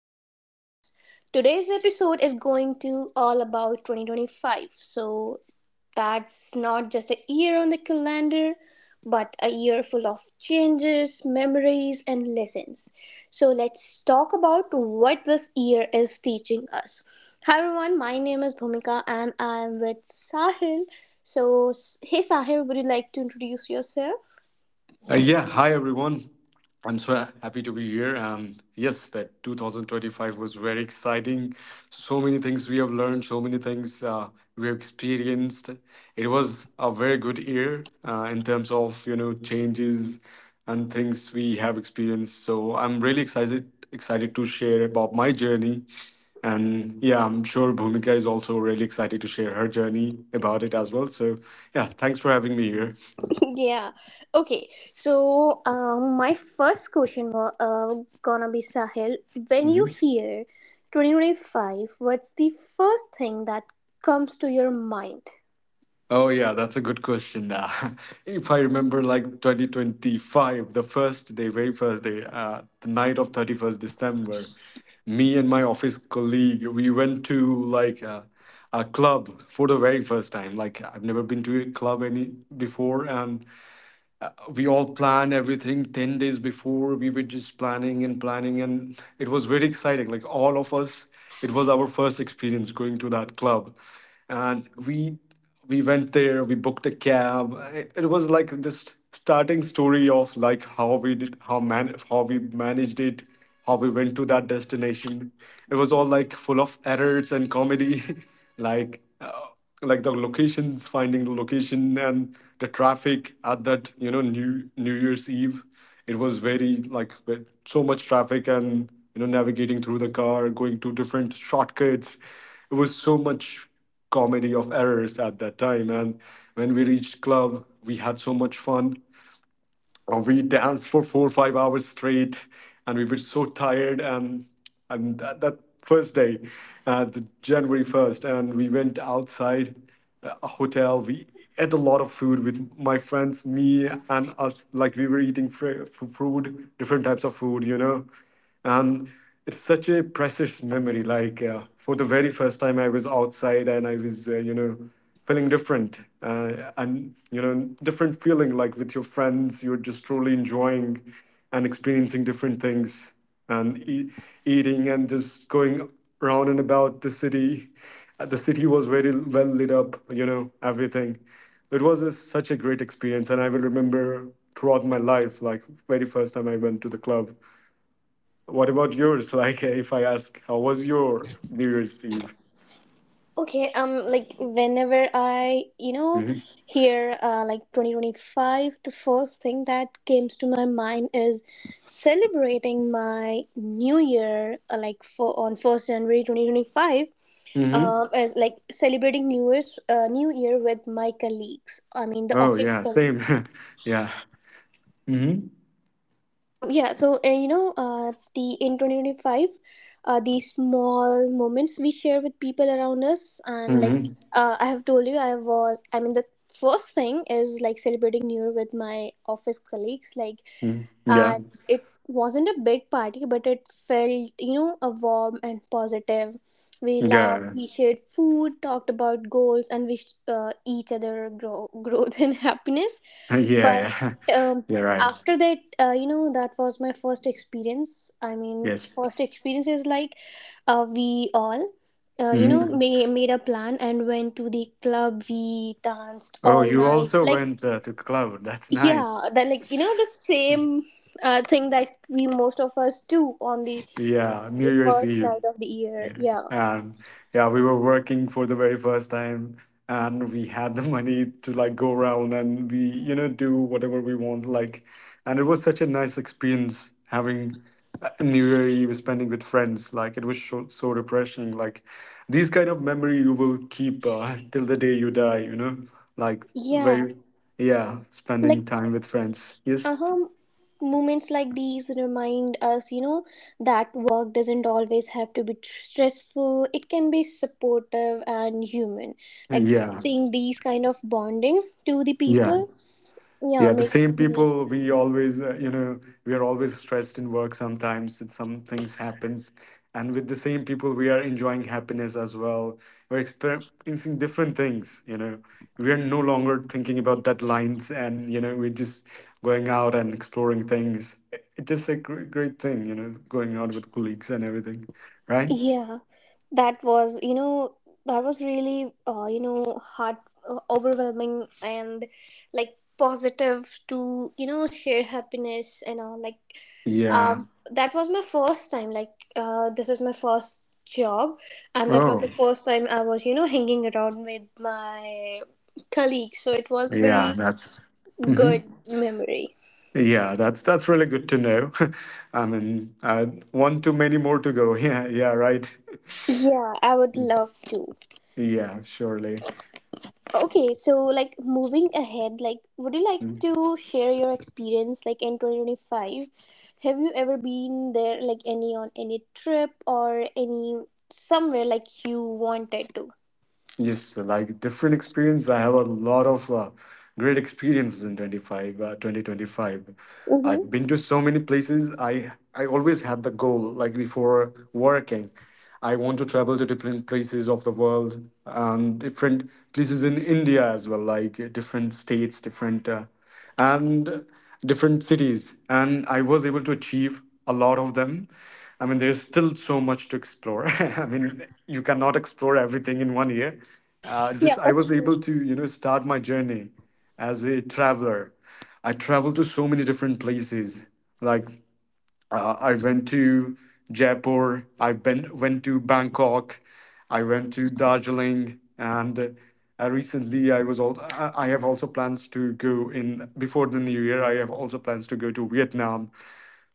to the podcast. Today's episode is going to all about 2025. That's not just a year on the calendar, but a year full of changes, memories, and lessons. Let's talk about what this year is teaching us. Hi, everyone. My name is Bhumika and I'm with Sahil. So, Hey, Sahil, would you like to introduce yourself? Yeah, Hi everyone. I'm so happy to be here. Yes, that 2025 was very exciting. So many things we have learned, so many things we have experienced. It was a very good year in terms of you know changes and things we have experienced. So I'm really excited to share about my journey, and yeah, I'm sure Bhumika is also really excited to share her journey about it as well. So yeah, thanks for having me Yeah. Okay. My first question was gonna be Sahil. When you here. hear 2025, what's the first thing that comes to your mind? Oh yeah, that's a good question. If I remember, like 2025, the first day, very first day, the night of 31st December, me and my office colleague, we went to like a club for the very first time. Like I've never been to a club any before, and we all planned everything 10 days before we were just planning and planning, and it was very exciting. Like all of us, it was our first experience going to that club, and we went there. We booked a cab. It was like this starting story of like how we did, how we managed it, how we went to that destination. It was all like full of errors and comedy. Like like the locations, finding the location and the traffic at that, you know, New Year's Eve. It was very like with so much traffic, and you know, navigating through the car, going to different shortcuts. It was so much comedy of errors at that time. And when we reached club, we had so much fun. We danced for 4 or 5 hours straight, and we were so tired. And that first day, the January first, and we went outside a hotel. We ate a lot of food with my friends, me and us. Like we were eating food, different types of food, you know. And it's such a precious memory. Like for the very first time, I was outside, and I was, you know, feeling different and you know different feeling. Like with your friends, you're just truly enjoying and experiencing different things and eating and just going around and about the city. The city was very well lit up, you know, everything. It was such a great experience, and I will remember throughout my life, like very first time I went to the club. What about yours? Like, if I ask, how was your New Year's Eve? Okay. Like whenever I, Hmm. hear like 2025, the first thing that comes to my mind is celebrating my new year, like for on first January 2025, Hmm. As like celebrating New Year with my colleagues. I mean the Oh, office yeah, same. colleagues. Yeah. Hmm. Yeah. So you know, the in 2025, these small moments we share with people around us, and like Hmm. I have told you, I was. I mean the first thing is like celebrating New Year with my office colleagues. Like, Hmm. Yeah. and it wasn't a big party, but it felt, you know, a warm and positive. We laughed, Yeah. we shared food, talked about goals, and wished each other growth and happiness. Yeah. But Yeah. um, Yeah. Right. after that, you know, that was my first experience. I mean Yes. first experience is like, we all, you know, Hmm. Made a plan and went to the club. We danced Oh, all you night. also Like, went to club. That's yeah, nice. that, like, you know, the same thing that we most of us do on the Yeah. New Year's first Eve. night of the year. Yeah. Yeah, And yeah, we were working for the very first time, and we had the money to like go around, and we, you know, do whatever we want. Like, and it was such a nice experience having New Year Eve spending with friends. Like, it was so, so refreshing. Like, these kind of memory you will keep till the day you die, you know? Like, yeah. very, yeah, spending Like, time with friends. Yes. uh-huh, moments like these remind us, you know, that work doesn't always have to be stressful. It can be supportive and human. Like Yeah. seeing these kind of bonding to the Yeah. people, yeah, Yeah, the makes same me. people we always, you know, we are always stressed in work sometimes that some things happens. And with the same people, we are enjoying happiness as well. We're experiencing different things, you know. We are no longer thinking about deadlines and, you know, we're just going out and exploring things. It's just a great thing, you know, going out with colleagues and everything, right? Yeah, that was, you know, that was really, you know, heart, overwhelming and like positive to, you know, share happiness and all. Like, Yeah. That was my first time. Like, this is my first job, and that was the Oh, first time I was, you know, hanging around with my colleagues. So it was yeah, very that's. Mhm. good memory. Yeah, that's really good to know. I mean, one too many more to go. Yeah, yeah, right. Yeah, I would Mm. love to. Yeah, surely. Okay, so like moving ahead, like would you like Mm. to share your experience like in 2025? Have you ever been there like any on any trip or any somewhere like you wanted to? Yes, like different experience. I have a lot of great experiences in 2025. Mm-hmm. I've been to so many places. I always had the goal, like before working, I want to travel to different places of the world and different places in India as well, like different states, different. And different cities, and I was able to achieve a lot of them. I mean, there's still so much to explore. I mean, you cannot explore everything in one year. Just Yeah, I that's was true. able to, you know, start my journey as a traveler. I traveled to so many different places. Like I went to Jaipur. Went to Bangkok. I went to Darjeeling, and recently I was all. I have also plans to go in before the new year. I have also plans to go to Vietnam.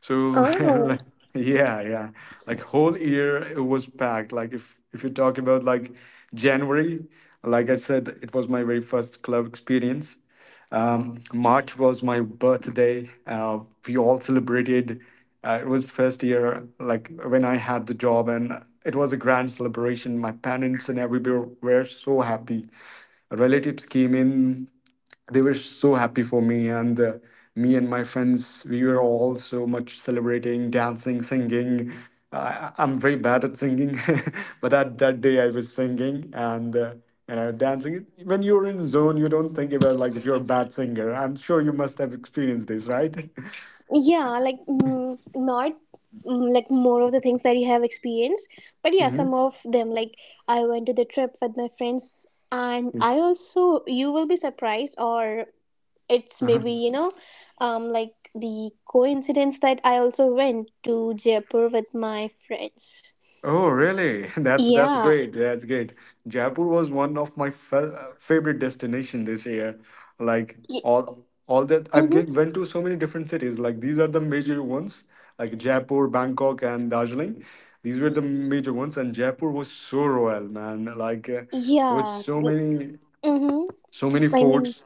So Oh, like, yeah, yeah. Like whole year it was packed. Like if you talk about like January, like I said, it was my very first club experience. March was my birthday. We all celebrated. It was first year, like when I had the job, and it was a grand celebration. My parents and everybody were so happy. Relatives came in, they were so happy for me. And me and my friends, we were all so much celebrating, dancing, singing. I'm very bad at singing, but that day I was singing and you know, dancing. When you're in zone, you don't think about like if you're a bad singer. I'm sure you must have experienced this, right? yeah, like mm, not mm, like more of the things that you have experienced, but yeah, some of them. Like I went to the trip with my friends, and Hmm. I also, you will be surprised, or it's maybe, you know, like the coincidence that I also went to Jaipur with my friends. Oh, really? That's Yeah. great. That's great. Jaipur was one of my favorite destination this year. Like y- all that mm-hmm. Went to so many different cities. Like these are the major ones, like Jaipur, Bangkok, and Darjeeling. These were the major ones, and Jaipur was so royal, man. Like there was Yeah. so many Mm-hmm. so many I mean, forts,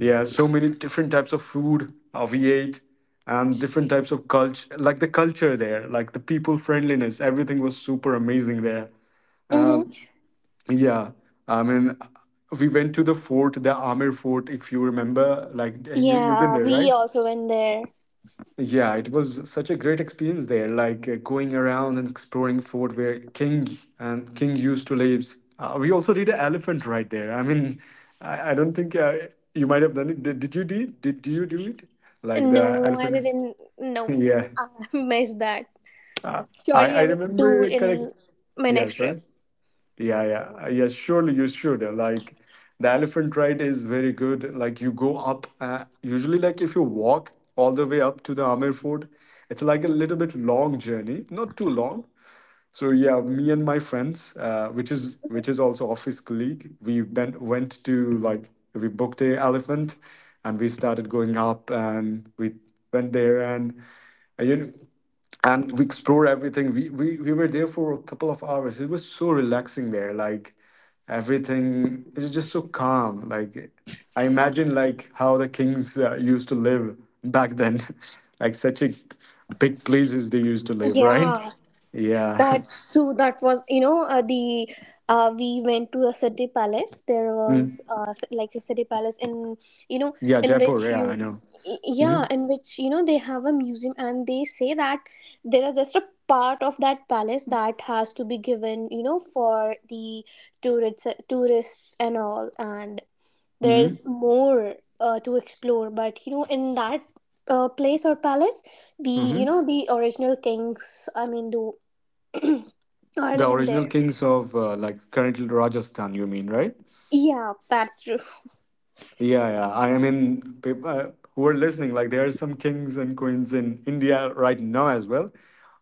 yeah, so many different types of food we ate, and different types of culture, like the culture there, like the people friendliness, everything was super amazing there. mm-hmm. Um, yeah, I mean, we went to the fort, the Amir fort, if you remember, like you've been Yeah, there, we right? also went there. Yeah, it was such a great experience there, like going around and exploring fort where King used to live. We also did an elephant right there. I mean, I don't think you might have done it. Did you do it? Do you do it? Like No, the I elephant? didn't. No, Yeah. I missed that. Surely I I will do remember correct. in my Yeah, next sorry. trip. Yeah, yeah, yeah. Surely you should. Like the elephant ride is very good. Like you go up. Usually, like if you walk all the way up to the Amir Fort, it's like a little bit long journey. Not too long. So yeah, me and my friends, which is also office colleague, we went to like we booked a elephant, and we started going up, and we went there, and you know, and we explored everything. We were there for a couple of hours. It was so relaxing there. Like everything, it was just so calm. Like I imagine like how the kings used to live back then, like such a big places they used to live, right? Yeah. Yeah. That's true. That was, you know, the we went to a city palace. There Mm. was like a city palace, in, you know, Yeah, in Jaipur. which Yeah, I you, know. Hmm. yeah, in which, you know, they have a museum, and they say that there is just a part of that palace that has to be given, you know, for the tourists and all, and there Hmm. is more to explore. But you know, in that place or palace, the, you Hmm. know, the original kings. I mean, do are The living original there. kings of like currently Rajasthan. You mean, right? Yeah, that's true. Yeah, yeah. I mean, people who are listening, like there are some kings and queens in India right now as well,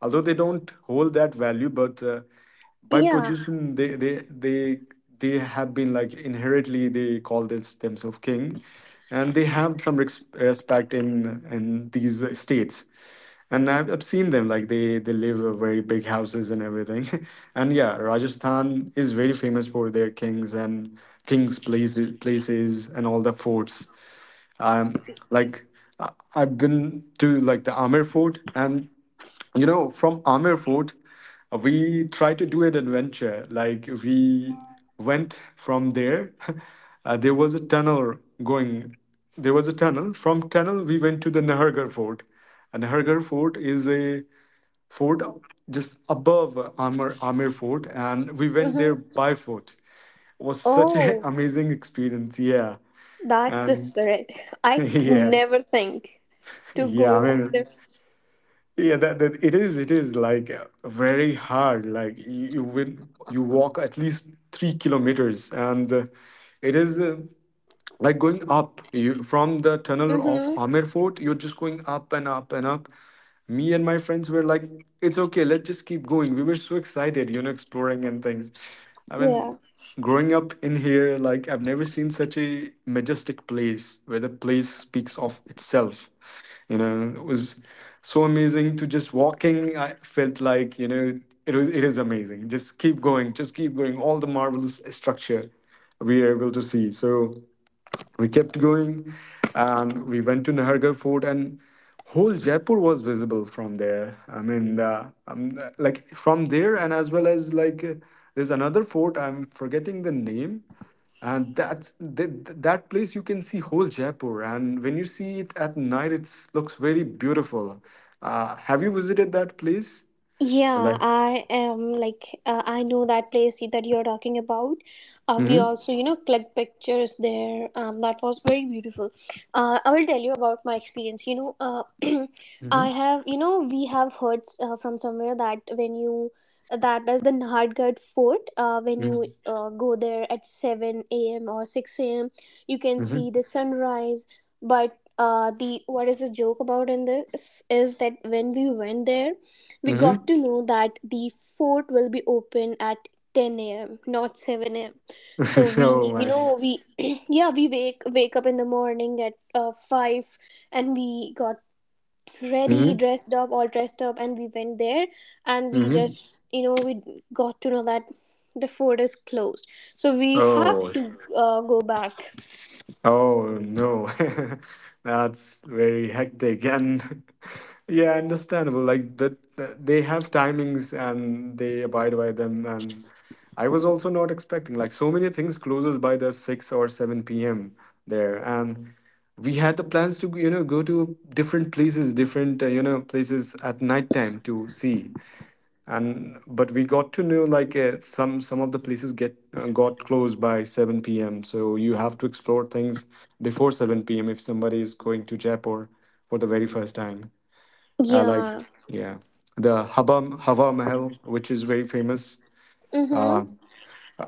although they don't hold that value, but by Yeah. position, they have been like inherently they call this themselves king, and they have some respect in these states. And I've seen them like they live in very big houses and everything. And yeah, Rajasthan is very famous for their kings and kings places and all the forts. um, like I've been to like the Amir Fort, and you know, from Amir Fort, we tried to do an adventure. Like we went from there. There was a tunnel going. There was a tunnel. From tunnel, we went to the Nahargarh Fort. And Nahargarh Fort is a fort just above Amir Fort, and we went Hmm. there by foot. It was such an Oh, amazing experience. Yeah, that's the and. spirit. I Yeah, never think to yeah. I go mean, this. yeah. That it is. It is like very hard. Like you walk at least 3 kilometers, and it is. Like going up from the tunnel of Mm-hmm. Amir Fort, you're just going up and up and up. Me and my friends were like, it's okay, let's just keep going. We were so excited, you know, exploring and things. I mean, Yeah. growing up in here, like, I've never seen such a majestic place where the place speaks of itself. You know, it was so amazing to just walking. I felt like, it is amazing. Just keep going, just keep going. All the marvelous structure we are able to see. So we kept going and we went to Nahargarh Fort, and whole Jaipur was visible from there. Like from there, and as well as like there's another fort. I'm forgetting the name. And that place, you can see whole Jaipur, and when you see it at night, it looks very beautiful. Have you visited that place? Yeah, Like, I am like I know that place that you're talking about. We mm-hmm, also, you know, clicked pictures there. That was very beautiful. I will tell you about my experience. You know, I mm-hmm, have, you know, we have heard from somewhere that when you that is the Nahadgad Fort. When you mm-hmm, go there at seven a.m. or six a.m., you can see mm-hmm. the sunrise. But the what is the joke about in this is that when we went there we Mm-hmm. got to know that the fort will be open at 10 a.m., not 7 a.m. So oh we, you my. know, we, yeah, we wake up in the morning at five, and we got ready, Mm-hmm. dressed up, all dressed up, and we went there, and we Mm-hmm. just, you know, we got to know that the fort is closed. So we have Oh. to go back. Oh no, that's very hectic. And yeah, understandable. Like that, that they have timings and they abide by them. And I was also not expecting like so many things closes by the 6 or 7 p.m. there. And we had the plans to, go to different places, different, places at night time to see, and but we got to know like some of the places get got closed by 7 p.m, so you have to explore things before 7 p.m if somebody is going to Jaipur for the very first time. Like Yeah. yeah, the Hava Mahal, which is very famous. Mhm. Uh,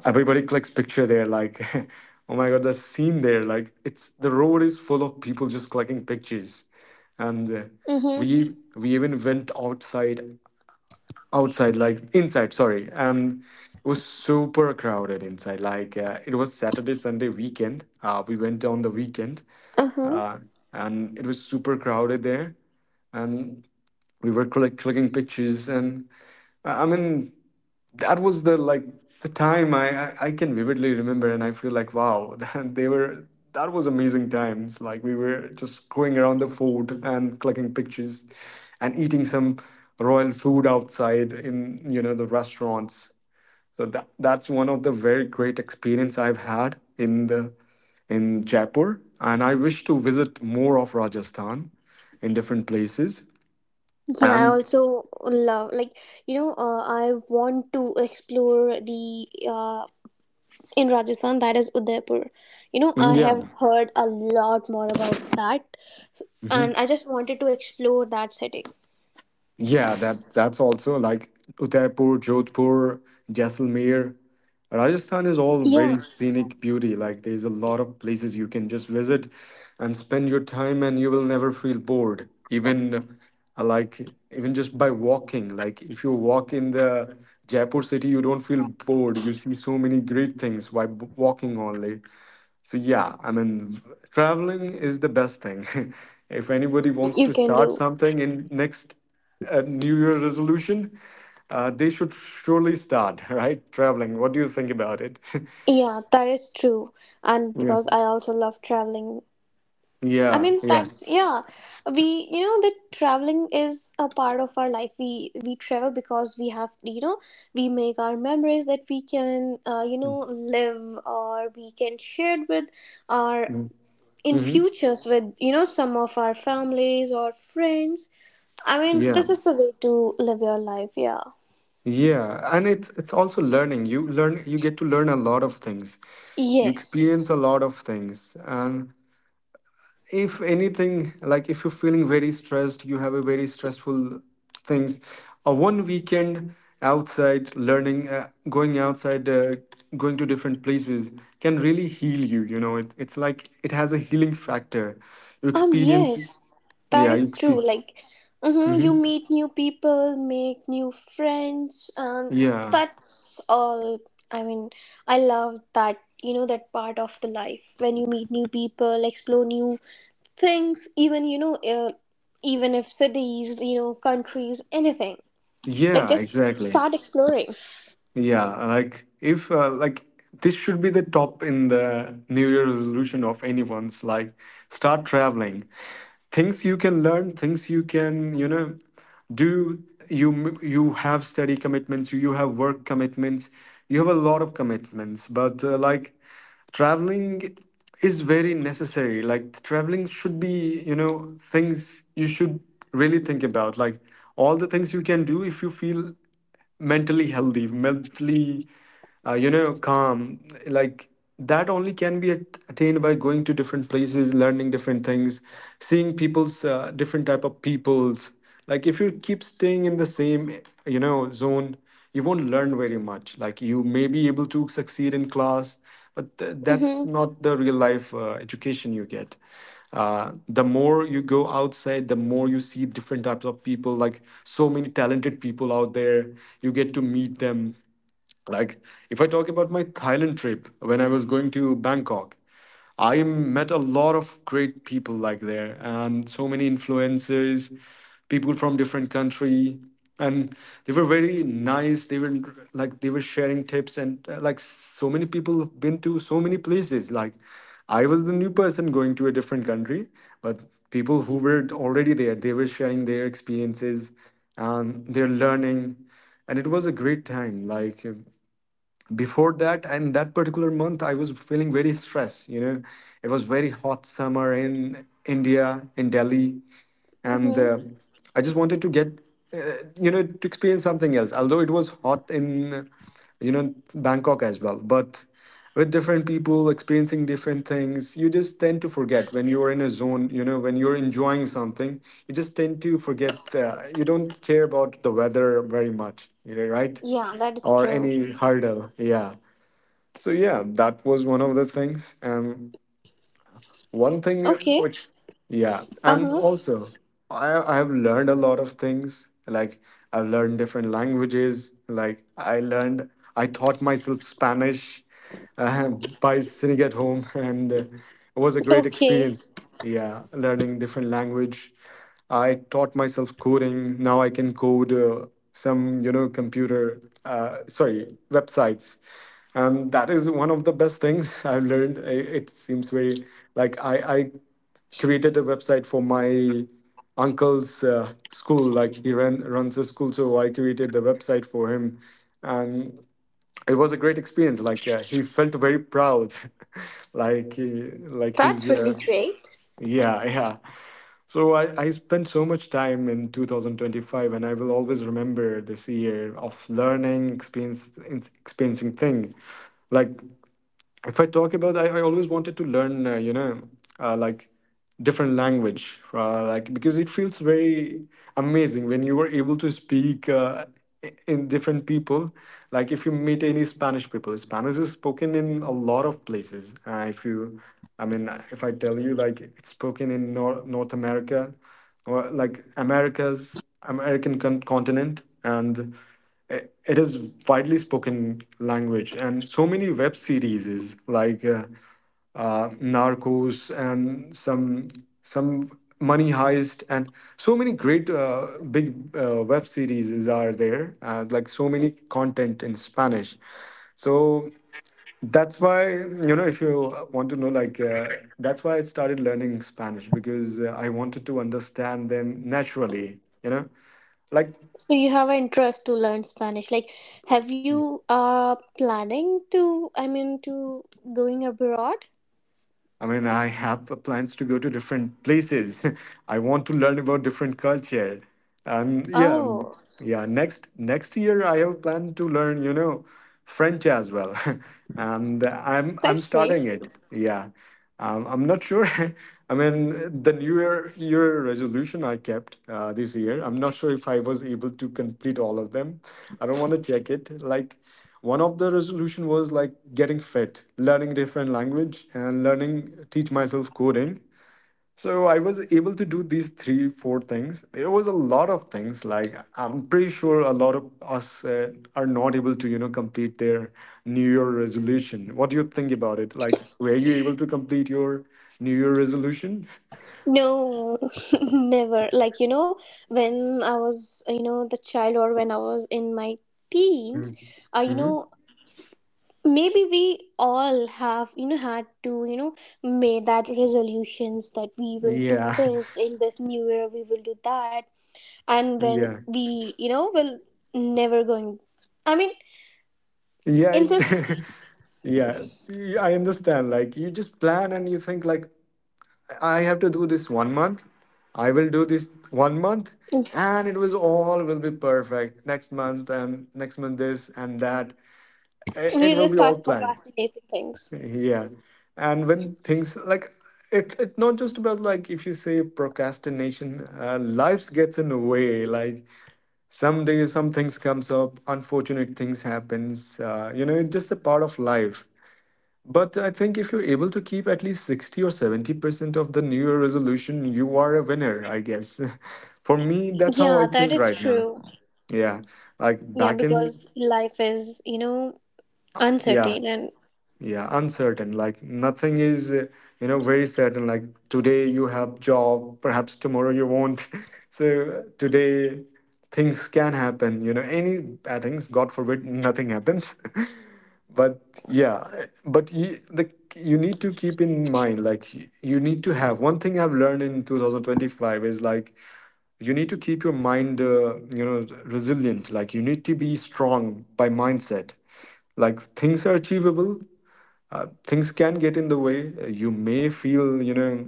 Everybody clicks picture there, like, oh my god, the scene there, like, it's, the road is full of people just clicking pictures, and Mhm. we even went outside outside, like inside, sorry, and it was super crowded inside. Like it was Saturday Sunday weekend. We went on the weekend, Uh huh. uh, and it was super crowded there, and we were clicking pictures, and I mean, that was the, like, the time I can vividly remember, and I feel like, wow, that they were that was amazing times. Like we were just going around the fort and collecting pictures, and eating some royal food outside in, you know, the restaurants. So that's one of the very great experience I've had in the in Jaipur, and I wish to visit more of Rajasthan, in different places. Yeah, I And also love like, you know, I want to explore the in Rajasthan that is Udaipur. You know, I and yeah. have heard a lot more about that, Mm-hmm. and I just wanted to explore that city. Yeah, that's also like Udaipur, Jodhpur, Jaisalmer. Rajasthan is all Yeah, very scenic beauty. Like there's a lot of places you can just visit and spend your time, and you will never feel bored. Even uh, like even just by walking, like if you walk in the Jaipur city, you don't feel bored. You see so many great things by walking only. So yeah, I mean, traveling is the best thing. if anybody wants you to can start do. something in next New Year resolution, they should surely start, right? Traveling. What do you think about it? Yeah, that is true. And yeah, because I also love traveling. I yeah, mean yeah. that's, yeah. We, you know, that traveling is a part of our life. We travel because we have, you know, we make our memories that we can, you know, live or we can share with our Mm-hmm. in Mm-hmm. futures with, you know, some of our families or friends. I mean Yeah, this is the way to live your life. Yeah. yeah, and it's also learning. You learn, you get to learn a lot of things. You experience a Yes. lot of things, and if anything, like if you're feeling very stressed, you have a very stressful things, a one weekend outside learning, going outside, going to different places, can really heal you. You know it, it's like it has a healing factor. You experience, Yes, that yeah, is true. Like, hmm, you meet new people, make new friends, and yeah, that's all. I mean, I love that, you know, that part of the life when you meet new people, explore new things, even, you know, even if cities, you know, countries, anything. Like, yeah, just exactly. start exploring. Yeah, like if like this should be the top in the New Year resolution of anyone's, like start traveling. Things you can learn, things you can, you know, you have study commitments, you have work commitments, you have a lot of commitments, but traveling is very necessary. Like traveling should be, you know, things you should really think about. Like all the things you can do if you feel mentally healthy, mentally, calm. Like that only can be attained by going to different places, learning different things, seeing people's different type of peoples. Like if you keep staying in the same, you know, zone, you won't learn very much. Like you may be able to succeed in class, but that's Mm-hmm. not the real life education you get. The more you go outside, the more you see different types of people, like so many talented people out there. You get to meet them, like, if I talk about my Thailand trip, when I was going to Bangkok, I met a lot of great people like there, and so many influencers, people from different country, and they were very nice. They were, like they were sharing tips, and like so many people have been to so many places. Like, I was the new person going to a different country, but people who were already there, they were sharing their experiences and their learning, and it was a great time. Like before that and that particular month, I was feeling very stressed, you know. It was very hot summer in India, in Delhi, and Mm-hmm. I just wanted to get, uh, to experience something else. Although it was hot in, you know, Bangkok as well, but with different people experiencing different things, you just tend to forget when you're in a zone. You know, when you're enjoying something, you just tend to forget. You don't care about the weather very much, you know, right? Yeah, that is Or true. any hurdle, yeah. So yeah, that was one of the things. And one thing Okay. which yeah and Uh-huh. also I have learned a lot of things. Like I've learned different languages. Like I learned, I taught myself Spanish, by sitting at home, and it was a great Okay. experience. Yeah, learning different language. I taught myself coding. Now I can code some, you know, computer, sorry, websites, and that is one of the best things I've learned. It seems very like I created a website for my uncle's school. Like he ran runs a school, so I created the website for him, and it was a great experience. Like he felt very proud, like he, like his That's really great. Yeah, yeah. So I spent so much time in 2025, and I will always remember this year of learning experience, experiencing thing. Like if I talk about, I always wanted to learn, uh, like different language, like because it feels very amazing when you were able to speak in different people. Like if you meet any Spanish people, Spanish is spoken in a lot of places. If I tell you, like it's spoken in North America, or like Americas, American continent, and i- it is widely spoken language, and so many web series is like uh, narcos, and some money heist, and so many great big web series is are there. Like so many content in Spanish. So that's why, you know, if you want to know, like that's why I started learning Spanish, because I wanted to understand them naturally, you know, like So you have an interest to learn Spanish. Like, have you planning to? I mean, to going abroad? I mean, I have plans to go to different places. I want to learn about different culture. And yeah, mm, Oh, yeah, next year I have planned to learn, you know, French as well. And I'm that's great. starting it. Yeah. I'm not sure. I mean, the New Year year resolution I kept this year, I'm not sure if I was able to complete all of them. I don't want to check it. Like, one of the resolution was like getting fit, learning different language, and learning teach myself coding. So I was able to do these three, four things. There was a lot of things, like I'm pretty sure a lot of us are not able to, you know, complete their New Year resolution. What do you think about it? Like, were you able to complete your New Year resolution? No, never. Like, you know, when I was, you know, the child or when I was in my teens, you Mm-hmm. know, maybe we all have, you know, had to, you know, made that resolutions that we will do Yeah, this in this new year, we will do that. And when yeah, we, you know, will never going, I mean, yeah. in It, this yeah, I understand. Like you just plan and you think like, I have to do this one month. I will do this one month, and it was all will be perfect next month, and next month this and that. It we will will be start all planned. procrastinating things. Yeah. And when things, like it not just about like, if you say procrastination, life gets in the way. Like some days, some things comes up, unfortunate things happens, you know, it's just a part of life. But I think if you're able to keep at least 60 or 70% of the New Year resolution, you are a winner, I guess. For me, that's how I Yeah, that think is right now. true. Yeah. Like Yeah, back in, because life is, you know, yeah. uncertain. And Yeah, uncertain. Like nothing is you know, very certain. Like today you have job, perhaps tomorrow you won't. So today things can happen, you know, any bad things, god forbid nothing happens. But yeah, but you need to keep in mind like you need to have one thing I've learned in 2025 is like you need to keep your mind you know, resilient. Like you need to be strong by mindset. Like things are achievable. Things can get in the way. You may feel, you know,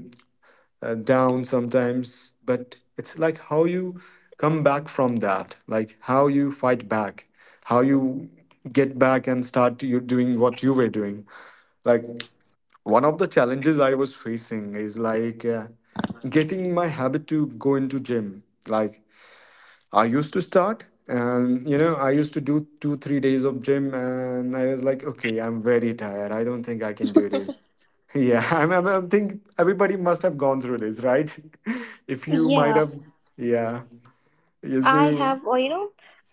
down sometimes, but it's like how you come back from that, like how you fight back, how you get back and start you doing what you were doing. Like one of the challenges I was facing is like getting my habit to go into gym. Like I used to start, and you know, I used to do 2 3 days of gym and I was like, okay, I'm very tired, I don't think I can do this. Yeah, I'm think everybody must have gone through this, right? If you might yeah, have. Yeah, yeah, I so. have or, you know,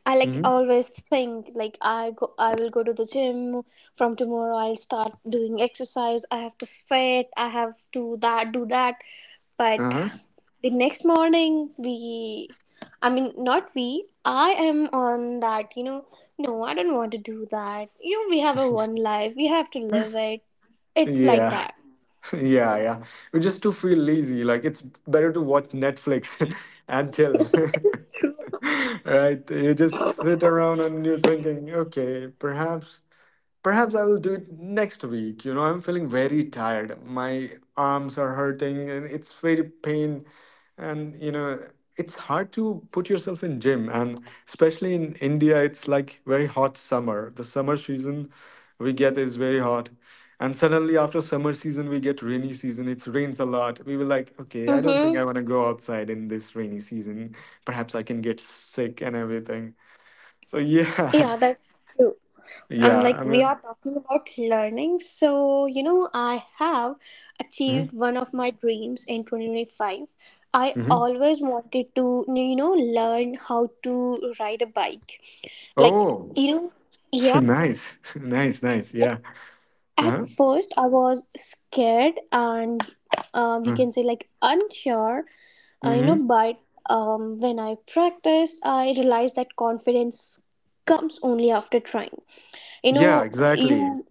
I like Hmm. always think like I go, I will go to the gym from tomorrow. I'll start doing exercise. I have to fit, I have to that do that. But Uh-huh. the next morning we I mean not we, I am on that, you know, no, I don't want to do that. You know, we have a one life, we have to live it. It's like Yeah. that. Yeah, yeah. We just to feel lazy, like it's better to watch Netflix and chill. That is true. Right, you just sit around and you're thinking, okay, perhaps. Perhaps I will do it next week. You know, I'm feeling very tired. My arms are hurting and it's very pain. And, you know, it's hard to put yourself in gym. And especially in India, it's like very hot summer. The summer season we get is very hot. And suddenly after summer season, we get rainy season. It rains a lot. We were like, okay, I don't think Mm-hmm. I want to go outside in this rainy season. Perhaps I can get sick and everything. So yeah, Yeah, that's true. And yeah, I like we mean, are talking about learning, so, you know, I have mhm, achieved one of my dreams in 2025. I mhm. always wanted to, you know, learn how to ride a bike. Like, Oh, you know, yeah. nice, nice, nice. Yeah. Uh-huh. At first, I was scared and we uh, can say like unsure, you know, Mm-hmm. but when I practiced, I realized that confidence comes only after trying. You Yeah, know, exactly. you,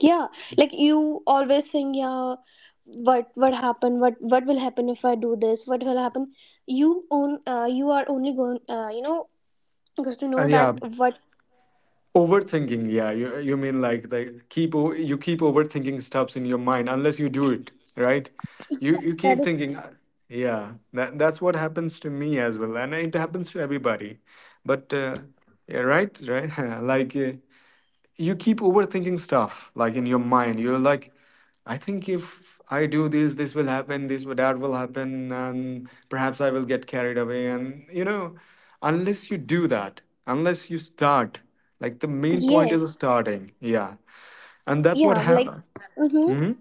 yeah, like you always think, yeah, what happened, what will happen if I do this, what will happen. You own, you are only going, you know, because to know And yeah, that what. overthinking. Yeah, you mean like you keep overthinking stuffs in your mind unless you do it, right? You Yes, that keep is. thinking. Yeah, that that's what happens to me as well, and it happens to everybody. But Yeah, right, right. Like. You keep overthinking stuff like in your mind, you're like, I think if I do this, this will happen, that will happen, and perhaps I will get carried away, and you know, unless you do that, unless you start, like the main point is Yes. starting, yeah, and that's what Yeah, like happened. mhm. Mm-hmm.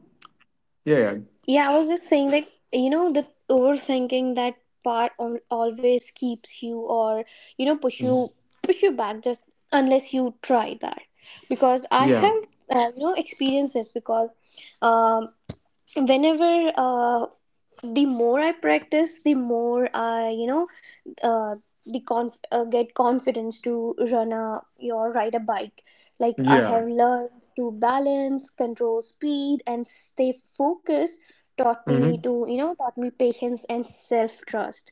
Yeah, yeah, Yeah, I was just saying that, you know, the overthinking that part on, always keeps you or, you know, push you back just unless you try that. Because I yeah. have, you know, experienced this. Because um, whenever, the more I practice, the more I, you know, uh, the get confidence to run a or ride a bike. Like I have Yeah. learned to balance, control speed, and stay focused. Taught me Mm-hmm. to, you know, taught me patience and self trust.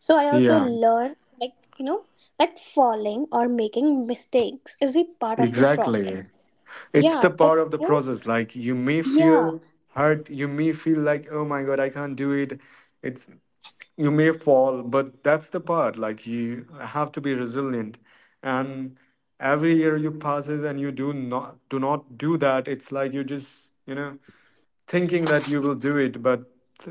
So I also Yeah, learned, like, you know, that falling or making mistakes is a part of the exactly. process. It's the Yeah, but, part of the you know, process. Like you may yeah, feel hurt, you may feel like, oh my god, I can't do it. It's, you may fall, but that's the part, like you have to be resilient. And every year you passes and you do not do that, it's like you just, you know, thinking that you will do it, but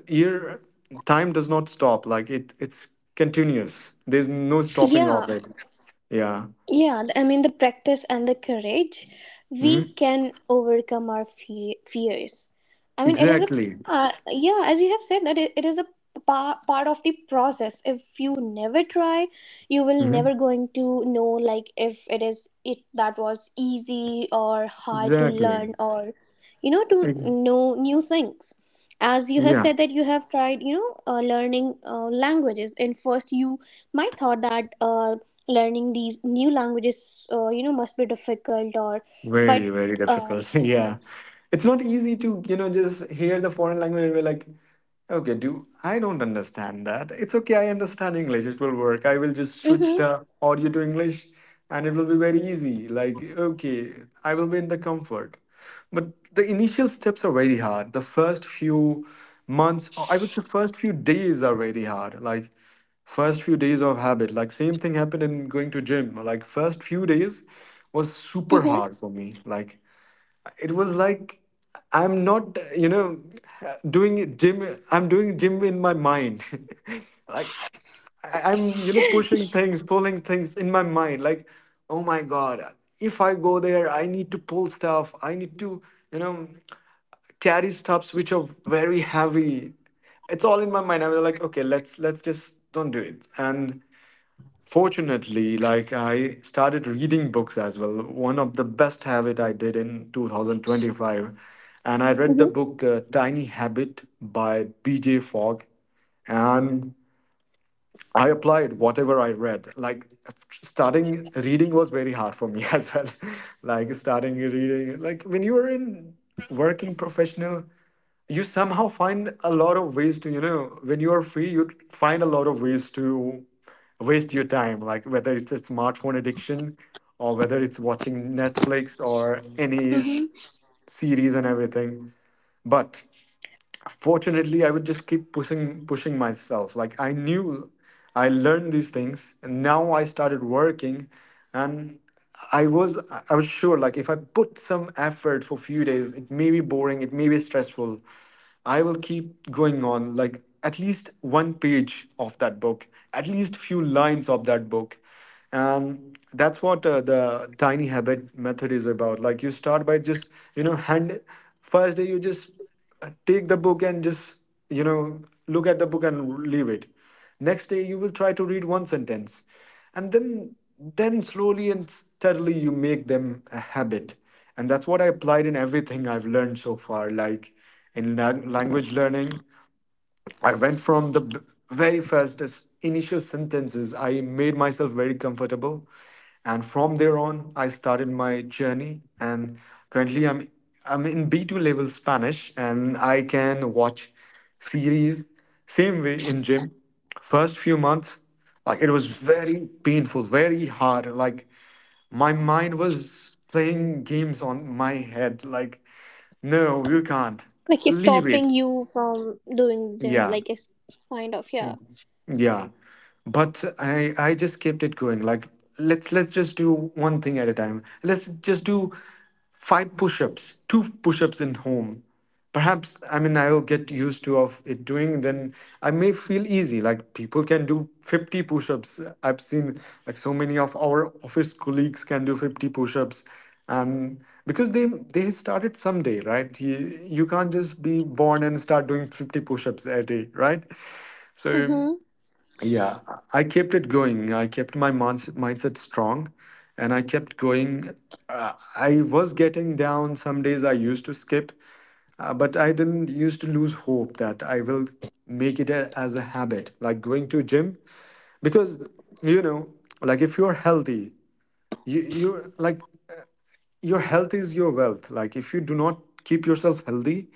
year, time does not stop, like it it's continuous, there's no stopping yeah. of it. Yeah. Yeah, I mean, the practice and the courage, Hmm, we can overcome our fears. I mean, it is a, exactly. Yeah, as you have said, that it is a part of the process. If you never try, you will Hmm, never going to know, like, if it is, it that was easy or hard to exactly. learn or, you know, to Ex-. know new things. As you have Yeah, said that you have tried, you know, learning languages, and first you might thought that. Learning these new languages, you know, must be difficult or but very very uh, difficult. Yeah, it's not easy to, you know, just hear the foreign language and be like, okay, do I don't understand that. It's okay, I understand English. It will work. I will just switch hmm, the audio to English and it will be very easy. Like, okay, I will be in the comfort. But the initial steps are very hard. The first few months, or I would say first few days are very hard. Like first few days of habit. Like same thing happened in going to gym. Like first few days was super hmm, hard for me. Like it was like, I'm not, you know, doing gym, I'm doing gym in my mind. Like I'm, you know, pushing things, pulling things in my mind. Like, oh my god, if I go there, I need to pull stuff, I need to, you know, carry stuffs which are very heavy. It's all in my mind. I was like, okay, let's just don't do it. And fortunately, like I started reading books as well. One of the best habit I did in 2025, and I read the hmm, book Tiny Habit by B.J. Fogg, and I applied whatever I read. Like starting reading was very hard for me as well. Like starting reading, like when you are in working professional, you somehow find a lot of ways to, you know, when you are free, you find a lot of ways to waste your time, like whether it's a smartphone addiction or whether it's watching Netflix or any s- series and everything. But fortunately, I would just keep pushing myself. Like I knew I learned these things and now I started working. And I was, I was sure like if I put some effort for a few days, it may be boring, it may be stressful, I will keep going on, like at least one page of that book, at least few lines of that book. And that's what the tiny habit method is about. Like you start by just, you know, hand, first day you just take the book and just, you know, look at the book and leave it. Next day you will try to read one sentence. And then slowly and steadily you make them a habit. And that's what I applied in everything I've learned so far. Like in language learning, I went from very first initial sentences, I made myself very comfortable. And from there on, I started my journey. And currently, I'm in B2 level Spanish and I can watch series. Same way in gym. First few months, like it was very painful, very hard. Like my mind was playing games on my head. Like, no, you can't. like it's Leave stopping it. you from doing them, Yeah. like it's kind of, yeah. Yeah, but I just kept it going. Like let's just do one thing at a time. Let's just do five push-ups, two push-ups in home. Perhaps I mean I'll get used to of it doing. Then I may feel easy. Like people can do 50 push-ups. I've seen like so many of our office colleagues can do 50 push-ups, and because they started someday, right? You can't just be born and start doing 50 push-ups a day, right? So. Mm-hmm. Yeah, I kept it going. I kept my mindset strong, and I kept going. I was getting down some days. I used to skip, but I didn't used to lose hope that I will make it as a habit, like going to gym, because you know, like if you're healthy, you like your health is your wealth. Like if you do not keep yourself healthy,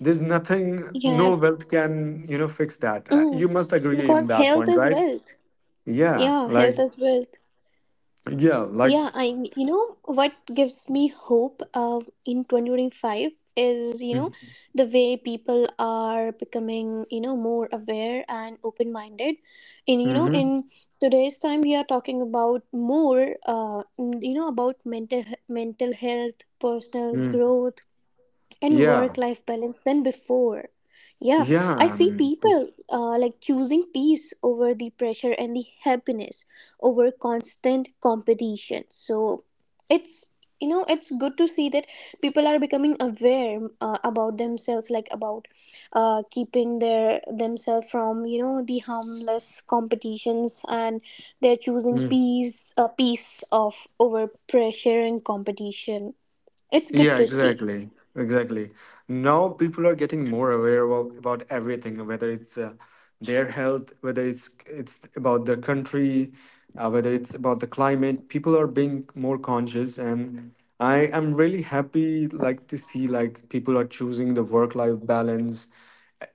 there's nothing, Yeah. no wealth can, you know, fix that. Mm. You must agree in Because that health point, is right? wealth. Yeah, Yeah, health like is wealth. yeah, like Yeah, I, you know what gives me hope in 2025 is, you know, the way people are becoming, you know, more aware and open minded. in you know mm-hmm, in today's time we are talking about more, about mental health, personal mm, growth, and yeah, work life balance than before. Yeah, yeah. I I see mean, people, like, choosing peace over the pressure and the happiness over constant competition. So it's you know it's good to see that people are becoming aware, about themselves, like about, keeping their themselves from, you know, the harmless competitions, and they're choosing mm, peace, peace of, over pressure and competition. It's yeah, good to see. exactly. Exactly. Now people are getting more aware about everything, whether it's their health, whether it's about the country, whether it's about the climate. People are being more conscious, and I am really happy like to see like people are choosing the work-life balance.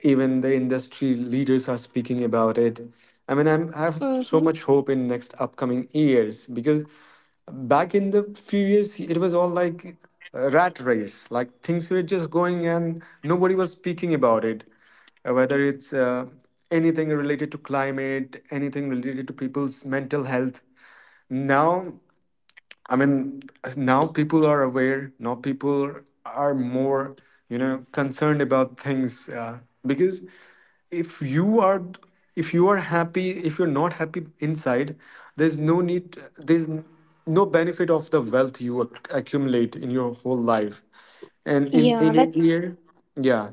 Even the industry leaders are speaking about it. I have so Mhm. much hope in next upcoming years, because back in the few years it was all like a rat race, like things were just going and nobody was speaking about it. Whether it's anything related to climate, anything related to people's mental health, now, I mean, now people are aware. Now people are more, you know, concerned about things because if you are, if you are happy, if you're not happy inside, there's no need. There's no benefit of the wealth you accumulate in your whole life, and Yeah, in a that. year. Yeah.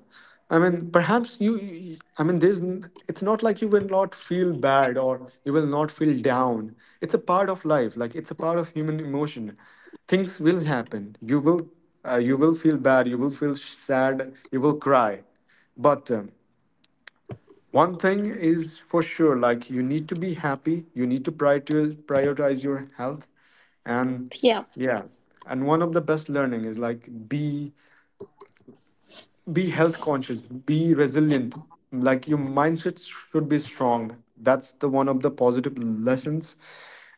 I mean, perhaps you-. I mean, there's, n- it's not like you will not feel bad or you will not feel down. It's a part of life. Like it's a part of human emotion. Things will happen. You will feel bad. You will feel sad. You will cry. But one thing is for sure, like you need to be happy. You need to prioritize your health, and Yeah, yeah, and one of the best learning is like be health conscious, be resilient. Like your mindset should be strong. That's the one of the positive lessons.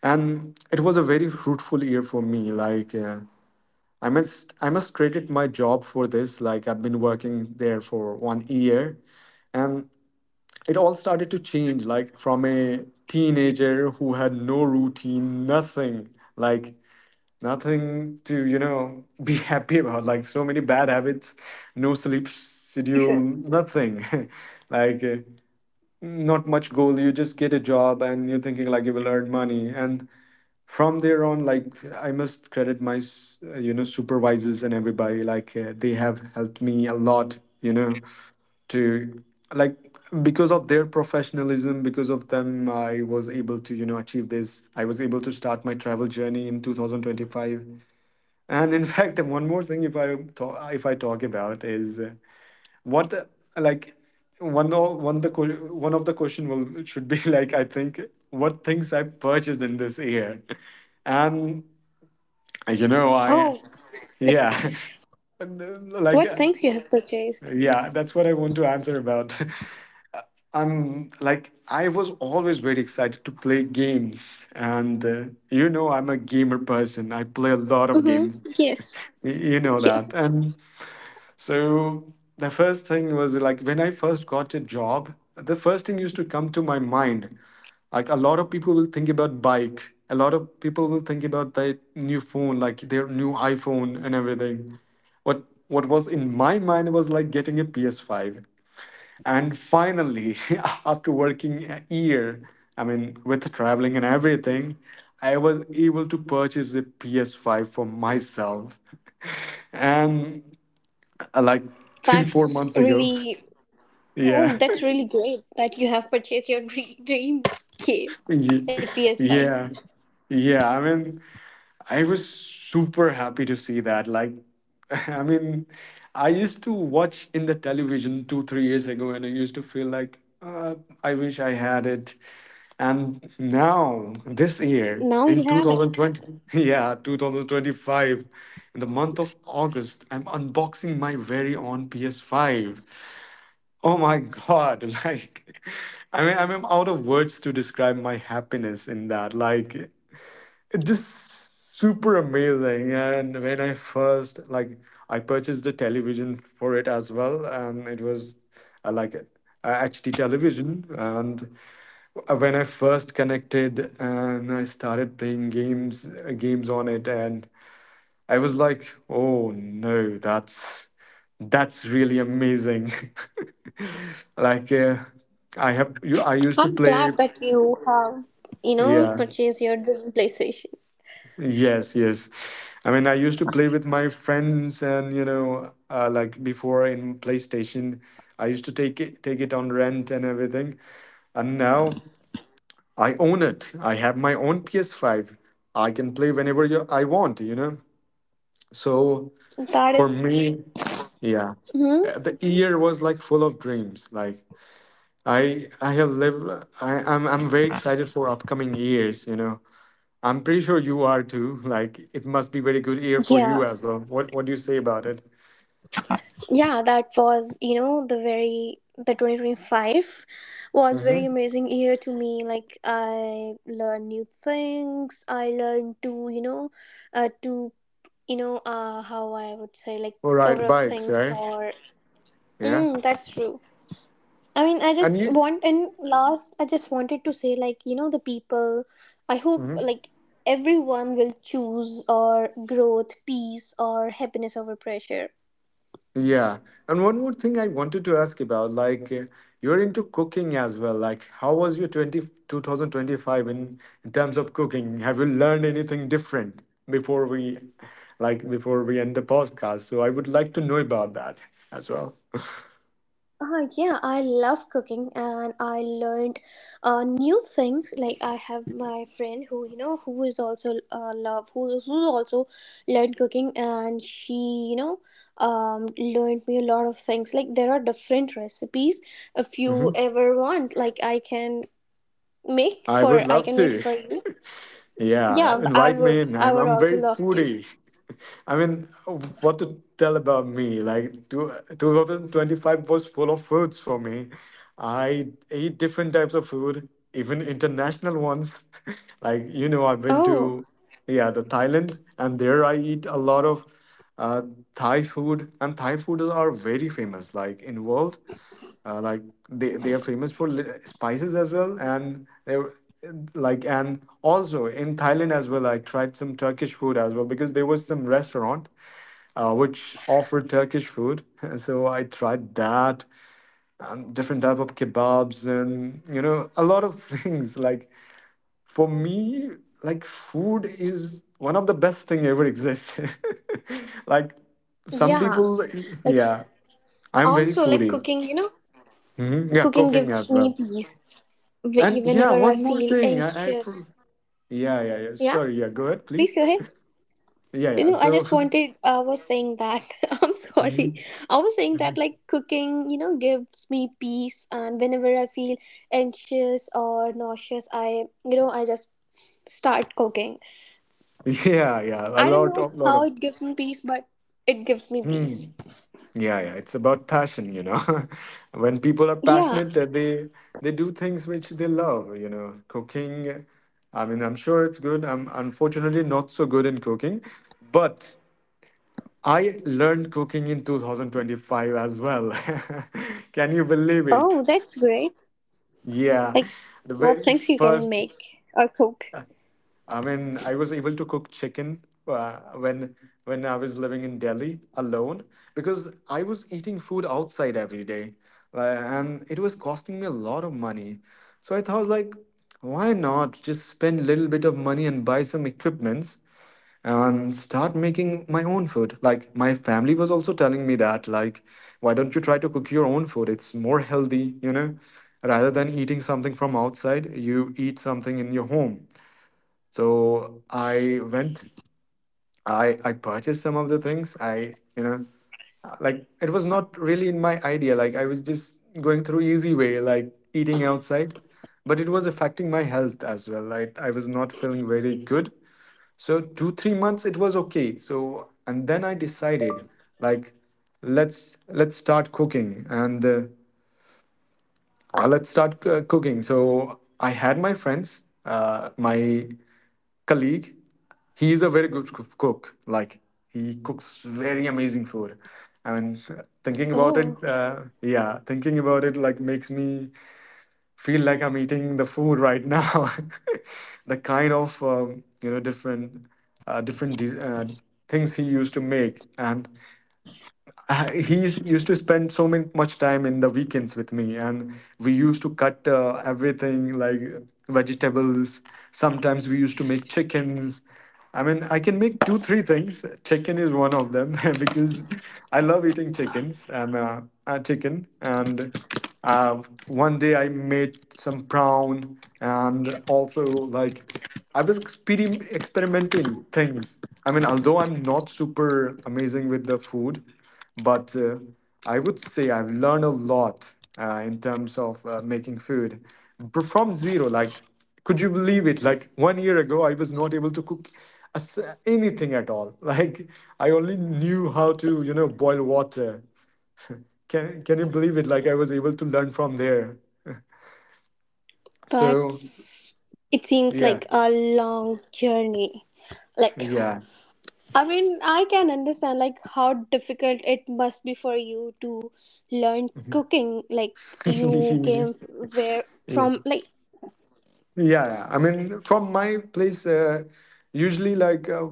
And it was a very fruitful year for me. Like I must credit my job for this. Like I've been working there for one year, and it all started to change, like from a teenager who had no routine, nothing. like Nothing to be happy about. Like so many bad habits, no sleep schedule, sure. nothing. like uh, not much goal, you just get a job and you're thinking like you will earn money. And from there on, like I must credit my supervisors and everybody. Like they have helped me a lot, you know, to, like, because of their professionalism, because of them, I was able to, you know, achieve this. I was able to start my travel journey in 2025. And in fact, one more thing, if I talk about is what like one o- one the que- one of the question will should be like I think what things I purchased in this year. And you know Oh, I like, yeah like what uh, things you have purchased? yeah, that's what I want to answer about. I'm like, I was always very excited to play games, and you know, I'm a gamer person. I play a lot of Mm-hmm. games. Yes. Y- You know Yeah. that, and So the first thing was like when I first got a job, the first thing used to come to my mind. Like a lot of people will think about bike. A lot of people will think about their new phone, like their new iPhone and everything. What was in my mind was like getting a PS5. And finally, after working a year, I mean, with traveling and everything, I was able to purchase a PS5 for myself. And uh, like three four That's months ago. really, Yeah. oh, that's really great that you have purchased your dream game, Ye- like PS5. yeah yeah. I mean, I was super happy to see that. Like, I mean, I used to watch in the television two three years ago, and I used to feel like, I wish I had it. And now this year Now you in have it. 2020 yeah 2025, in the month of August, I'm unboxing my very own PS5. Oh my God. Like, I mean, I'm out of words to describe my happiness in that. Like, it just super amazing. And when I first, like, I purchased a television for it as well. And it was a HD television. And when I first connected and I started playing games, games on it, and I was like, oh no, that's really amazing. like uh, I have you I used to I'm play. glad that you have, you know, Yeah. purchased your dream PlayStation. Yes, yes. I mean, I used to play with my friends, and you know, like before in PlayStation, I used to take it on rent and everything. And now I own it. I have my own PS5. I can play I want, you know. So That. for me, yeah, Mm-hmm. The year was like full of dreams. Like I have lived. I'm very excited for upcoming years. You know, I'm pretty sure you are too. Like it must be very good year for you Yeah. as well. What do you say about it? Yeah, that was, you know, the 2025 was very Mm-hmm. amazing year to me. Like, I learned new things. I learned to, you know, to, you know, how I would say, like, We cover ride up bikes, things, right? or Yeah, mm, that's true. I mean, I and just you. want, and last I just wanted to say, like, you know, the people, I hope Mm-hmm. like everyone will choose or growth, peace or happiness over pressure. Yeah. And one more thing I wanted to ask about, like you're into cooking as well. Like how was your 20 2025 in, terms of cooking? Have you learned anything different before we like before we end the podcast? So I would like to know about that as well. Yeah, I love cooking and I learned new things. Like, I have my friend who, you know, who is also, love who also learned cooking, and she, you know, um, learned me a lot of things. Like, there are different recipes. If you ever want, like, I would I love can make to. for you. Yeah, Yeah, I invite me would, in. I would I'm also very love to. foodie. I mean, what to tell about me? Like 2025 was full of foods for me. I ate different types of food, even international ones. Like, you know, I've been to Oh yeah, the Thailand, and there I eat a lot of uh, Thai food. And Thai food are very famous, like in world. uh, like they are famous for spices as well. And they're like. And also in Thailand as well, I tried some Turkish food as well, because there was some restaurant which offered Turkish food. So I tried that, and different type of kebabs and you know a lot of things. Like for me, like food is one of the best thing ever exists. Like some yeah, people like f- yeah I'm very also like foodie. cooking. You know, Mhm. Yeah, cooking cooking gives as me well. peace. And yeah, Whenever I one more feel thing. Anxious. Yeah, yeah, yeah. Yeah, Sorry, yeah. Go ahead, please please. go ahead. Yeah, You yeah. know, I So, just wanted, I was saying that, I'm sorry. mhm, I was saying that, mhm. like, cooking, you know, gives me peace. And whenever I feel anxious or nauseous, I, you know, I just start cooking. Yeah, yeah. A I don't lot know of, lot how of. it gives me peace, but it gives me peace. Hmm. Yeah, yeah. It's about passion, you know. When people are Yeah. passionate, they do things which they love. You know, cooking. I mean, I'm sure it's good. I'm unfortunately not so good in cooking, but I learned cooking in 2025 as well. Can you believe it? Oh, that's great. Yeah, Like, the what very things you can first. make or cook? I mean, I was able to cook chicken when when I was living in Delhi alone, because I was eating food outside every day, and it was costing me a lot of money. So I thought, like, why not just spend a little bit of money and buy some equipments and start making my own food? Like, my family was also telling me that, like, why don't you try to cook your own food? It's more healthy, you know, rather than eating something from outside. You eat something in your home. So I went, I purchased some of the things. I you know, like it was not really in my idea. Like I was just going through easy way, like eating outside, but it was affecting my health as well. I was not feeling very good. So two three months it was okay. So and then I decided, like, let's start cooking, and let's start cooking. So I had my friends, my colleague, he is a very good cook. Like he cooks very amazing food. I mean, thinking about Oh, it, thinking about it like makes me feel like I'm eating the food right now. The kind of you know, different uh, different de- uh, things he used to make. And he used to spend so many, much time in the weekends with me. And we used to cut everything, like vegetables. Sometimes we used to make chickens. I mean, I can make two three things. Chicken is one of them, because I love eating chickens, and chicken. And one day I made some prawn, and also like I was experimenting things. I mean, although I'm not super amazing with the food, but I would say I've learned a lot in terms of making food. From zero. Like, could you believe it? Like, one year ago, I was not able to cook a s- anything at all. Like, I only knew how to, you know, boil water. Can you believe it? Like, I was able to learn from there. So, that's, it seems yeah, like a long journey. Like, yeah. I mean, I can understand like how difficult it must be for you to learn cooking. Like, you came f- where yeah. from? Like, Yeah, yeah. I mean, from my place, usually like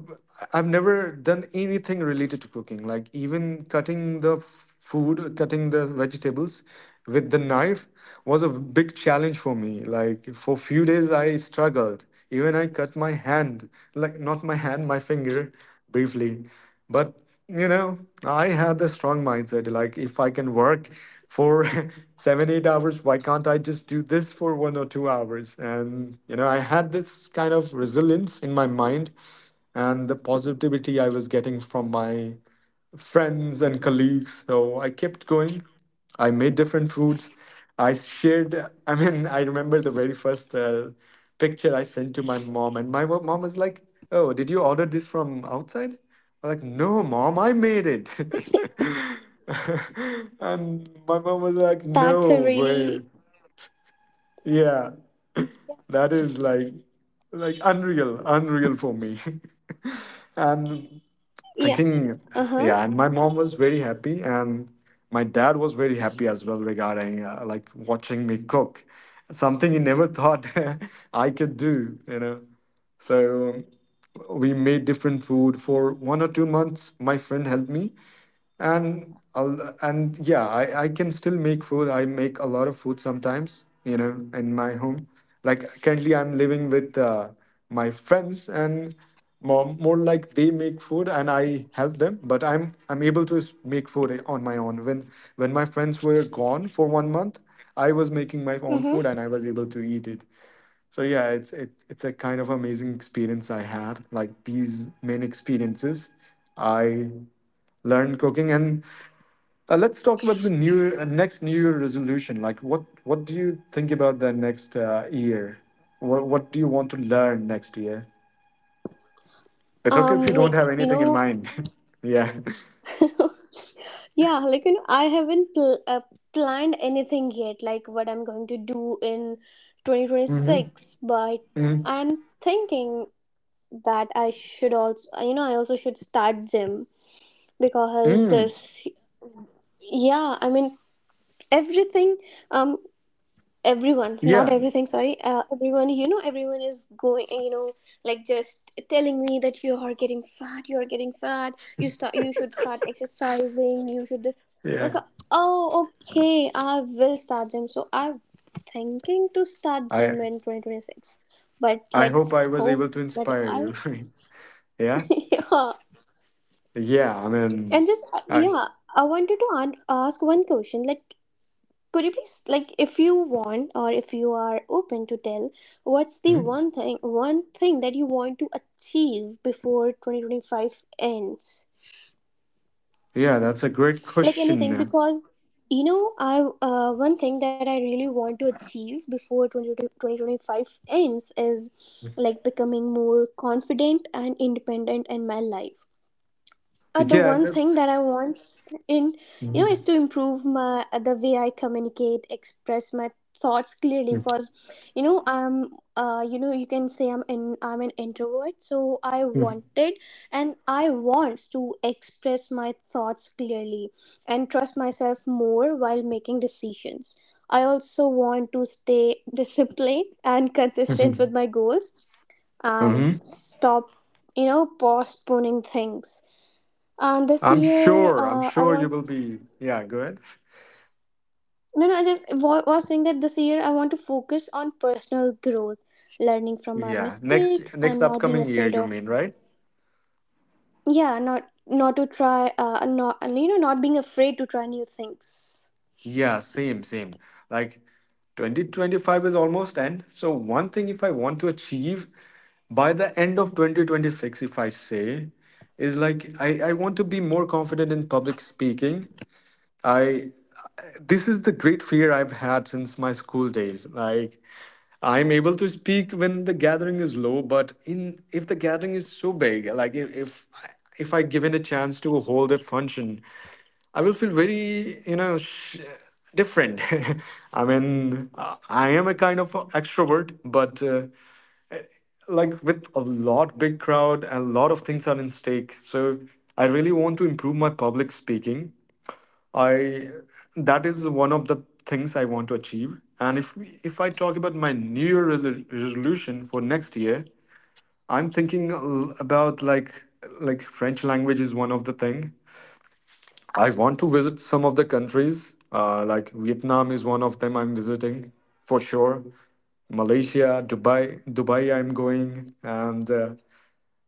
I've never done anything related to cooking, like even cutting the food, cutting the vegetables with the knife, was a big challenge for me. Like for few days, I struggled. Even I cut my hand, like not my hand, my finger briefly, but you know, I had the strong mindset, like, if I can work for seven, eight hours, why can't I just do this for one or two hours? And, you know, I had this kind of resilience in my mind and the positivity I was getting from my friends and colleagues. So I kept going. I made different foods. I shared, I mean, I remember the very first picture I sent to my mom, and my mom was like, oh, did you order this from outside? I'm like, no, mom, I made it. And my mom was like, that's a no way. really, Yeah, that is like, unreal, unreal for me. And yeah. thinking, Uh-huh. yeah, and my mom was very happy, and my dad was very happy as well regarding like watching me cook, something he never thought I could do, you know. So we made different food for one or two months. My friend helped me, and yeah, I can still make food. I make a lot of food sometimes, you know, in my home. Like currently I'm living with my friends, and more like they make food and I help them. But I'm able to make food on my own when my friends were gone for one month, I was making my own food Mm-hmm. and I was able to eat it. So yeah, it's a kind of amazing experience I had. Like these main experiences, I learned cooking. And let's talk about the next New Year resolution. Like, what do you think about that next year? What do you want to learn next year? It's okay if Um, you don't like, have you anything in know, mind. Yeah. yeah, like, you know, I haven't planned anything yet, like what I'm going to do in Mm-hmm. 2026. But Mm-hmm. I'm thinking that I should also, you know, I also should start gym, because Mm. this, yeah, I mean, everything, um, everyone, not Yeah. everything, sorry, everyone, you know, everyone is going, you know, like just telling me that you are getting fat, you are getting fat, you should start exercising, you should, my Yeah. god. Oh, okay, I will start gym. So, I'm thinking to start I gym in 2026. But I let's hope I was hope able to that inspire I'll you. Yeah. yeah. Yeah. I mean, and just uh, I. yeah I wanted to ask one question, like, could you please, like, if you want, or if you are open to tell, what's the Mhm. one thing that you want to achieve before 2025 ends? Yeah, that's a great Like anything, question. because, you know, I, one thing that I really want to achieve before twenty twenty twenty five ends is like becoming more confident and independent in my life. The Yeah, one thing that's. that I want in, you know, Mm-hmm. is to improve my, the way I communicate, express my thoughts clearly. Because, you know, I'm, you know, you can say I'm in I'm an introvert. So, I wanted and I want to express my thoughts clearly, and trust myself more while making decisions. I also want to stay disciplined and consistent with Mm-hmm. my goals, and Mm-hmm. stop, you know, postponing things. And this I'm year, sure. I'm I sure you want, will be. Yeah, go ahead. no, no. I just was saying that this year I want to focus on personal growth, learning from my Yeah, mistakes, and next not being upcoming year, afraid you of, mean, right? yeah, not not to try, not and, you know, not being afraid to try new things. Yeah, same, same. Like 2025 is almost end. So one thing if I want to achieve by the end of 2026, if I say, is like I want to be more confident in public speaking. I This is the great fear I've had since my school days. Like I'm able to speak when the gathering is low, but in if the gathering is so big, like if I given a chance to hold a function, I will feel very different. I am a kind of a extrovert, but like with a lot big crowd, a lot of things are in stake. So I really want to improve my public speaking I That is one of the things I want to achieve. And if I talk about my New Year resolution for next year, I'm thinking about like French language is one of the thing. I want to visit some of the countries. Like Vietnam is one of them I'm visiting for sure. Malaysia, Dubai, Dubai I'm going, and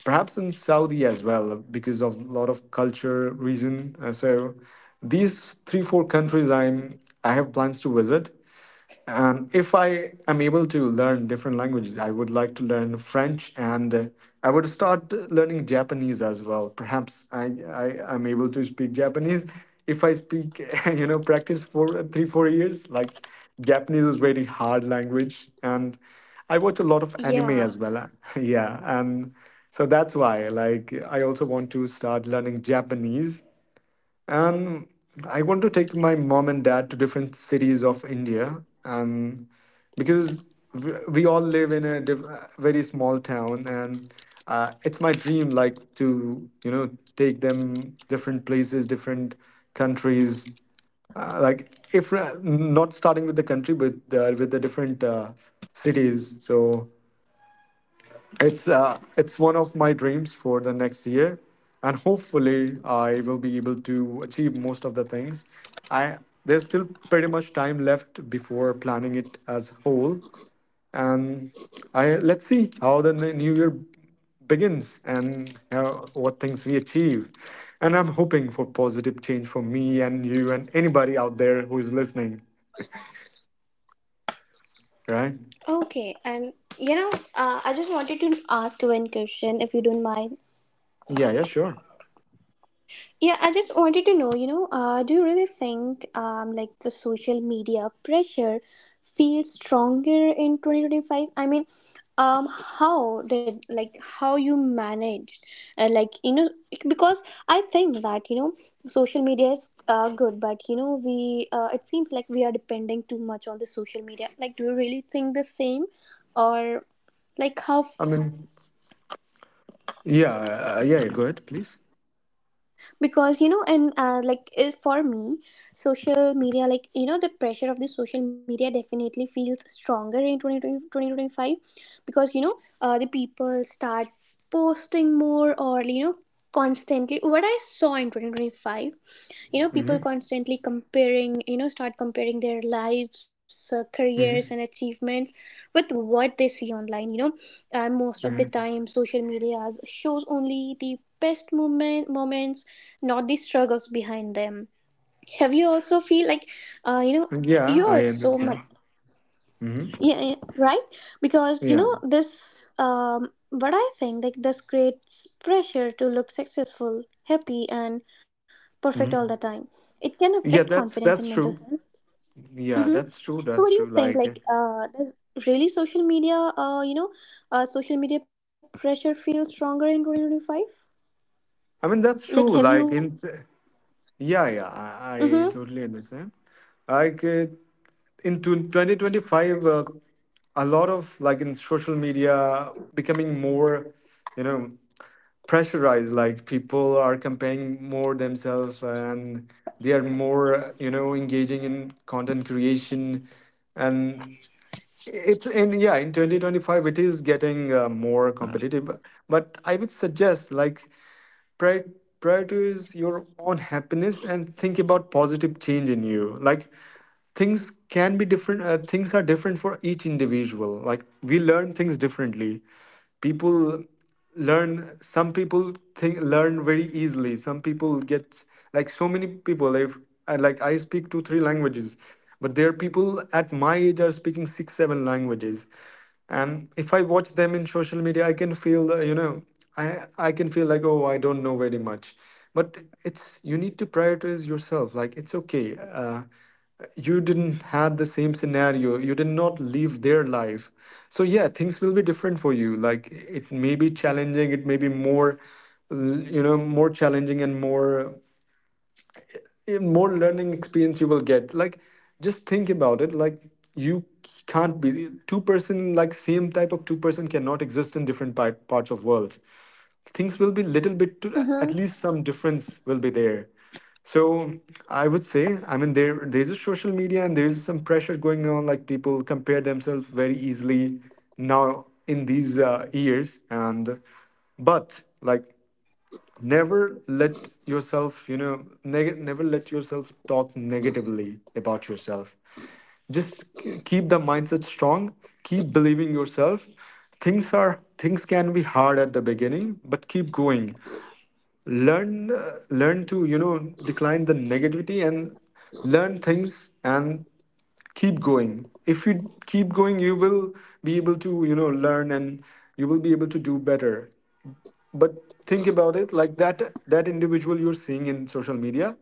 perhaps in Saudi as well because of a lot of culture reason. So these 3 4 countries I have plans to visit, and if I am able to learn different languages, I would like to learn French and I would start learning Japanese as well. Perhaps I am able to speak Japanese. If I speak, practice for three, 4 years, like Japanese is very hard language. And I watch a lot of anime Yeah. as well. Yeah. And so I also want to start learning Japanese and I want to take my mom and dad to different cities of India, and because we all live in a very small town, and it's my dream, like to take them different places, different countries, like if not starting with the country, but with the different cities. So it's one of my dreams for the next year and hopefully I will be able to achieve most of the things I There's still pretty much time left before planning it as whole. And I let's see how the new year begins and how, what things we achieve. And I'm hoping for positive change for me and you and anybody out there who is listening right. Okay. And you know, I just wanted to ask one question, if you don't mind. Yeah, yeah, sure. Yeah, I just wanted to know, you know, do you really think, like, the social media pressure feels stronger in 2025? I mean, how did, like, how you managed, like, you know, because I think that, you know, social media is, good, but, you know, we, it seems like we are depending too much on the social media. Like, do you really think the same, or like how? i mean yeah, yeah, go ahead please. Because, you know, and, like, if for me, social media, like, you know, the pressure of the social media definitely feels stronger in 2020 2025. Because, you know, the people start posting more, or, you know, constantly, what I saw in 2025, you know, Mm-hmm. people constantly comparing, you know, start comparing their lives, careers and Mm-hmm. achievements with what they see online, you know. And most of the Mhm. time social media shows only the best moments, not the struggles behind them. Have you also feel like, you know, Yeah, you I also understand. Mhm. yeah, yeah, right, because, you Yeah. know, this, um, what I think, like, this creates pressure to look successful, happy, and perfect all the Mhm. time. It can affect Yeah, confidence and that's mental true. health. Yeah, Mm-hmm. that's true. So what That's do you true. think, Like, like, does really social media, social media pressure feel stronger in 2025? I mean, that's Like, have true. Like you, in, yeah, yeah, mm-hmm, I totally understand. Like uh, in 2025, a lot of like in social media becoming more, you know, pressurized. Like people are comparing more themselves and they are more, you know, engaging in content creation and in 2025 it is getting more competitive, but I would suggest like Prior- prioritize your own happiness and think about positive change in you. Like things can be different. Things are different for each individual. Like we learn things differently. People learn Some people think learn very easily, some people get like so many people. If I, Like I speak 2 3 languages, but there are people at my age are speaking 6 7 languages. And if I watch them in social media I can feel, i I can feel like, oh, I don't know very much. But it's you need to prioritize yourself. It's okay, you didn't had the same scenario, you did not live their life. So yeah, things will be different for you. Like it may be challenging, it may be more more challenging and more learning experience you will get. Like just think about it. Like you can't be two person. Like same type of two-person cannot exist in different parts of world. Things will be little bit to, mm-hmm, at least some difference will be there. So I would say, I mean, there's a social media and there's some pressure going on. Like people compare themselves very easily now in these years. And but like never let yourself, you know, never let yourself talk negatively about yourself. Just keep the mindset strong, keep believing yourself. Things can be hard at the beginning but keep going. Learn learn to, you know, decline the negativity and learn things and keep going. If you keep going you will be able to, you know, learn and you will be able to do better. But think about it like that. That individual you're seeing in social media,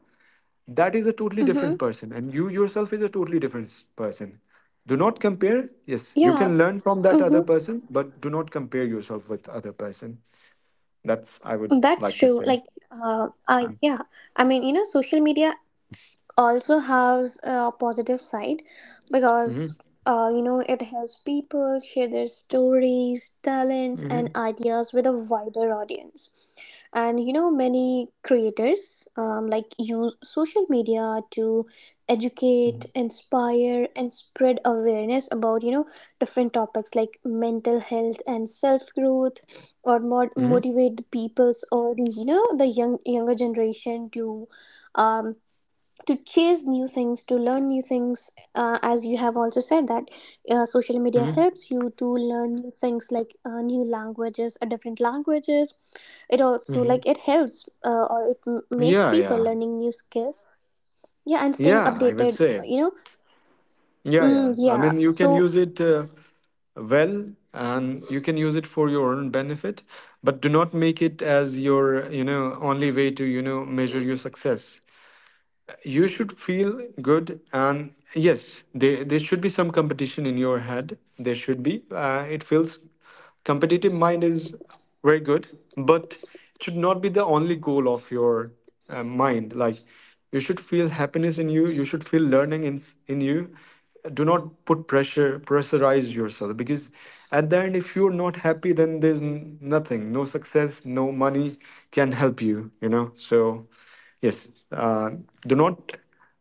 that is a totally different mm-hmm, person, and you yourself is a totally different person. Do not compare. Yes, you yeah, can learn from that mm-hmm. other person, but do not compare yourself with other person. That's I would That's like to true. say. Like, I, yeah, I mean, you know, social media also has a positive side, Mhm, because, you know, it helps people share their stories, talents, and mhm, ideas with a wider audience. And, you know, many creators, like, use social media to educate, mhm, inspire, and spread awareness about, you know, different topics like mental health and self growth, or more mhm, motivate the peoples, or, the, you know, the younger generation to, um, to chase new things, to learn new things, as you have also said that, social media mhm, helps you to learn new things like, new languages, different languages. It also, mhm. like, it helps, makes Yeah, people yeah. learning new skills, yeah, and staying Yeah, I would updated, say. you know. Yeah, yeah. Mm, I yeah. mean, you can So, use it and you can use it for your own benefit, but do not make it as your, you know, only way to, you know, measure your success. You should feel good. And yes, there should be some competition in your head. There should be it feels competitive mind is very good. But it should not be the only goal of your mind. Like you should feel happiness in you, you should feel learning in in you. Do not put pressure pressurize yourself, because at the end if you're not happy, then there's nothing, no success, no money can help you, you know. So yes. Do not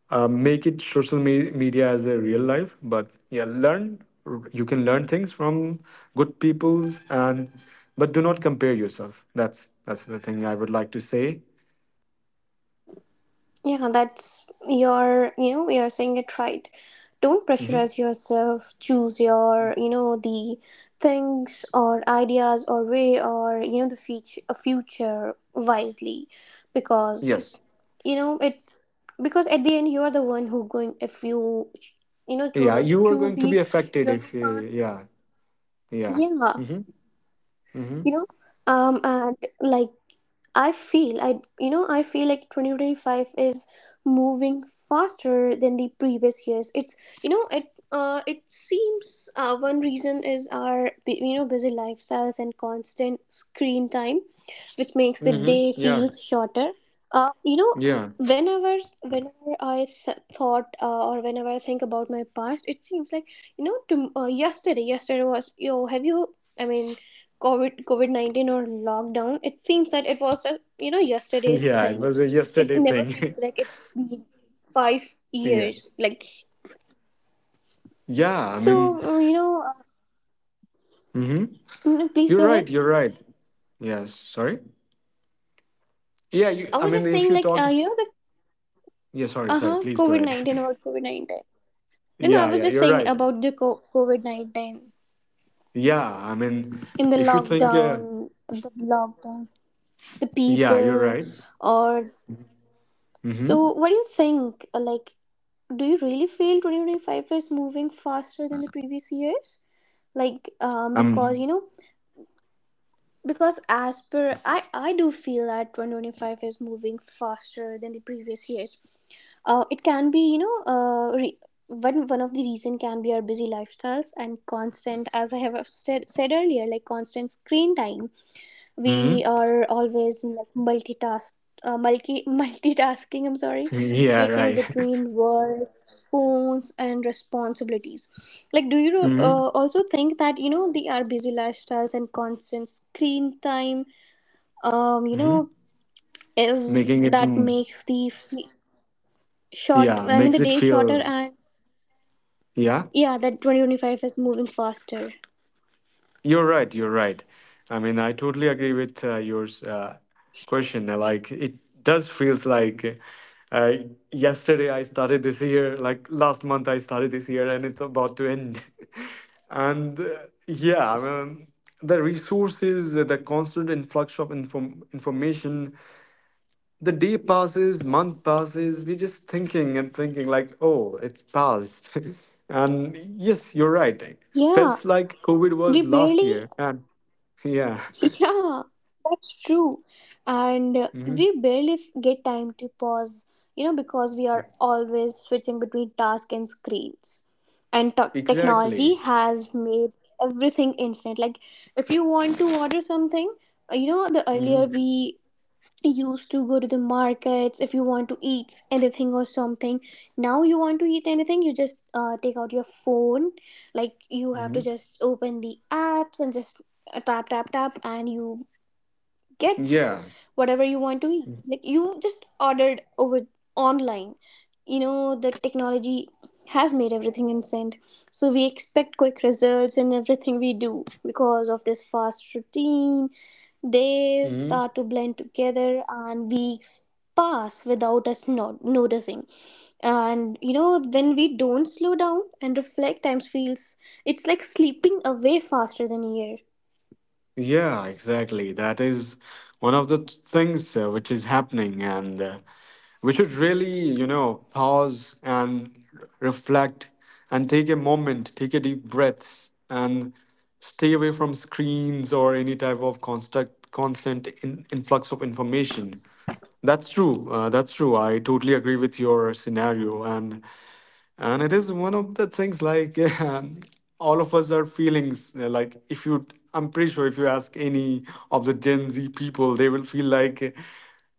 make it social media as a real life, but yeah, learn. You can learn things from good peoples, and but do not compare yourself. That's the thing I would like to say. yeah, that's your, you know, you're saying it right. Don't Hmm. pressurize yourself. Choose your, you know, the things or ideas or way, or, you know, the future wisely. Because, Yes. you know, it, because at the end you're the one who going, if you, you know, Yeah, choose, you are choose going to be the affected wrong if. Path. Yeah. Yeah. Yeah. Mm-hmm. Mm-hmm. You know, and like, I you know, I feel like 2025 is moving faster than the previous years. It's, you know, it, it seems, one reason is our you know, busy lifestyles and constant screen time, which makes the Mm-hmm. day Yeah. feel shorter. You know, Yeah. whenever I thought, or whenever I think about my past, it seems like, you know, to, uh, yesterday was yo have you I mean COVID, COVID 19, or lockdown, it seems that it was a, you know, yesterday's Yeah, it thing. was a It yesterday never thing. feels like it's been five yeah. years. Like, Yeah. I mean. so, Mm-hmm. no, please You're go ahead. right. You're right. Yes. Sorry. Yeah, you, I I was mean, just if saying, you like, talk, you know, the yeah, sorry, uh sorry, huh please go COVID ahead. 19, about COVID 19. No, no, I Yeah, was yeah, just you're saying right. about the COVID 19, Yeah, I mean, in the if you think, lockdown, the lockdown, the yeah, you're people, right. or, Mm-hmm. so, what do you think, like, do you really feel 2025 is moving faster than the previous years? Like, because, Um, you know, because as per I do feel that 2025 is moving faster than the previous years. It can be, you know, one of the reason can be our busy lifestyles and constant, as I have said earlier, like constant screen time. We mm-hmm. are always, like, multitask multi multitasking, I'm sorry, Yeah, switching right. between work, phones, and responsibilities. Like, do you, Mm-hmm. Also think that, you know, the our busy lifestyles and constant screen time, um, you Mm-hmm. know, is Making it, that mm, makes the short, yeah, I mean, the makes it day shorter, feel, and yeah. yeah, that 2025 is moving faster. You're right. You're right. I mean, I totally agree with your question. Like, it does feels like uh, yesterday I started this year, like last month I started this year, and it's about to end. And yeah, I mean, the resources, the constant influx of information, the day passes, month passes. We're just thinking and thinking, like, oh, it's passed. And yes, you're right. It Yeah, felt like COVID we was last barely. year. And. Yeah. Yeah, that's true. And, Hmm. we barely get time to pause, you know, because we are always switching between tasks and screens. And technology Exactly. has made everything instant. Like, if you want to order something, you know, the Hmm. earlier we used to go to the markets. If you want to eat anything or something, now you want to eat anything, you just, take out your phone. Like, you have to Hmm. just open the apps and just, tap, tap, tap, and you get Yeah. whatever you want to eat. Like, you just ordered over online. You know, the technology has made everything instant. So we expect quick results in everything we do. Because of this fast routine, days Hmm. start to blend together and weeks pass without us not noticing. And you know, when we don't slow down and reflect, times feels, it's like sleeping away faster than a year. Yeah, exactly. That is one of the things which is happening, and we should really, you know, pause and reflect and take a moment, take a deep breath, and stay away from screens or any type of constant, influx of information. That's true. That's true. I totally agree with your scenario, and it is one of the things like all of us are feelings like if you. I'm pretty sure if you ask any of the gen z people, they will feel like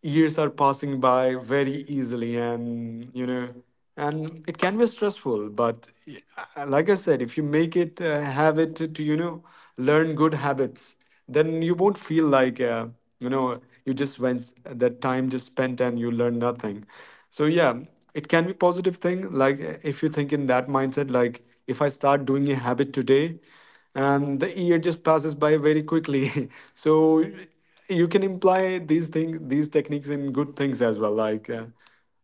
years are passing by very easily, and you know, and it can be stressful. But like I said, if you make it habit to, you know, learn good habits, then you won't feel like you know, you just went that time just spent and you learn nothing. So yeah, it can be positive thing. Like if you think in that mindset, like if I start doing a habit today and the year just passes by very quickly. So you can imply these things, these techniques in good things as well. Like uh,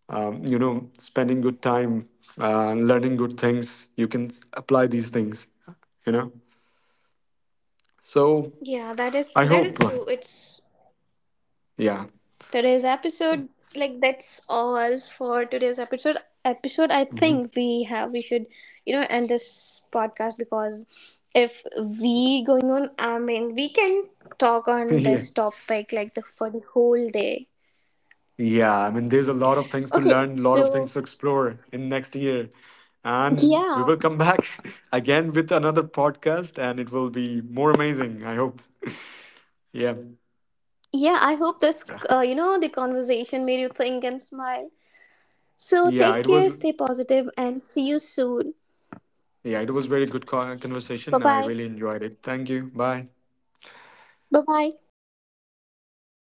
um, you know, spending good time, learning good things, you can apply these things, you know. So Yeah, that is, I that is hope. true. It's Yeah. today's episode. Like, that's all for today's episode. Episode, I think we have we should, you know, end this podcast, because if we going on, I mean, we can talk on Yeah. this topic like the for the whole day. Yeah. I mean, there's a lot of things to Okay, learn, a lot of so, things to explore in next year. And we yeah, will come back again with another podcast and it will be more amazing, I hope. Yeah. yeah. I hope this, you know, the conversation made you think and smile. So Yeah, take it care, was stay positive, and see you soon. yeah, it was very good Bye conversation. I bye. really enjoyed it. Thank you. Bye. Bye bye. Bye.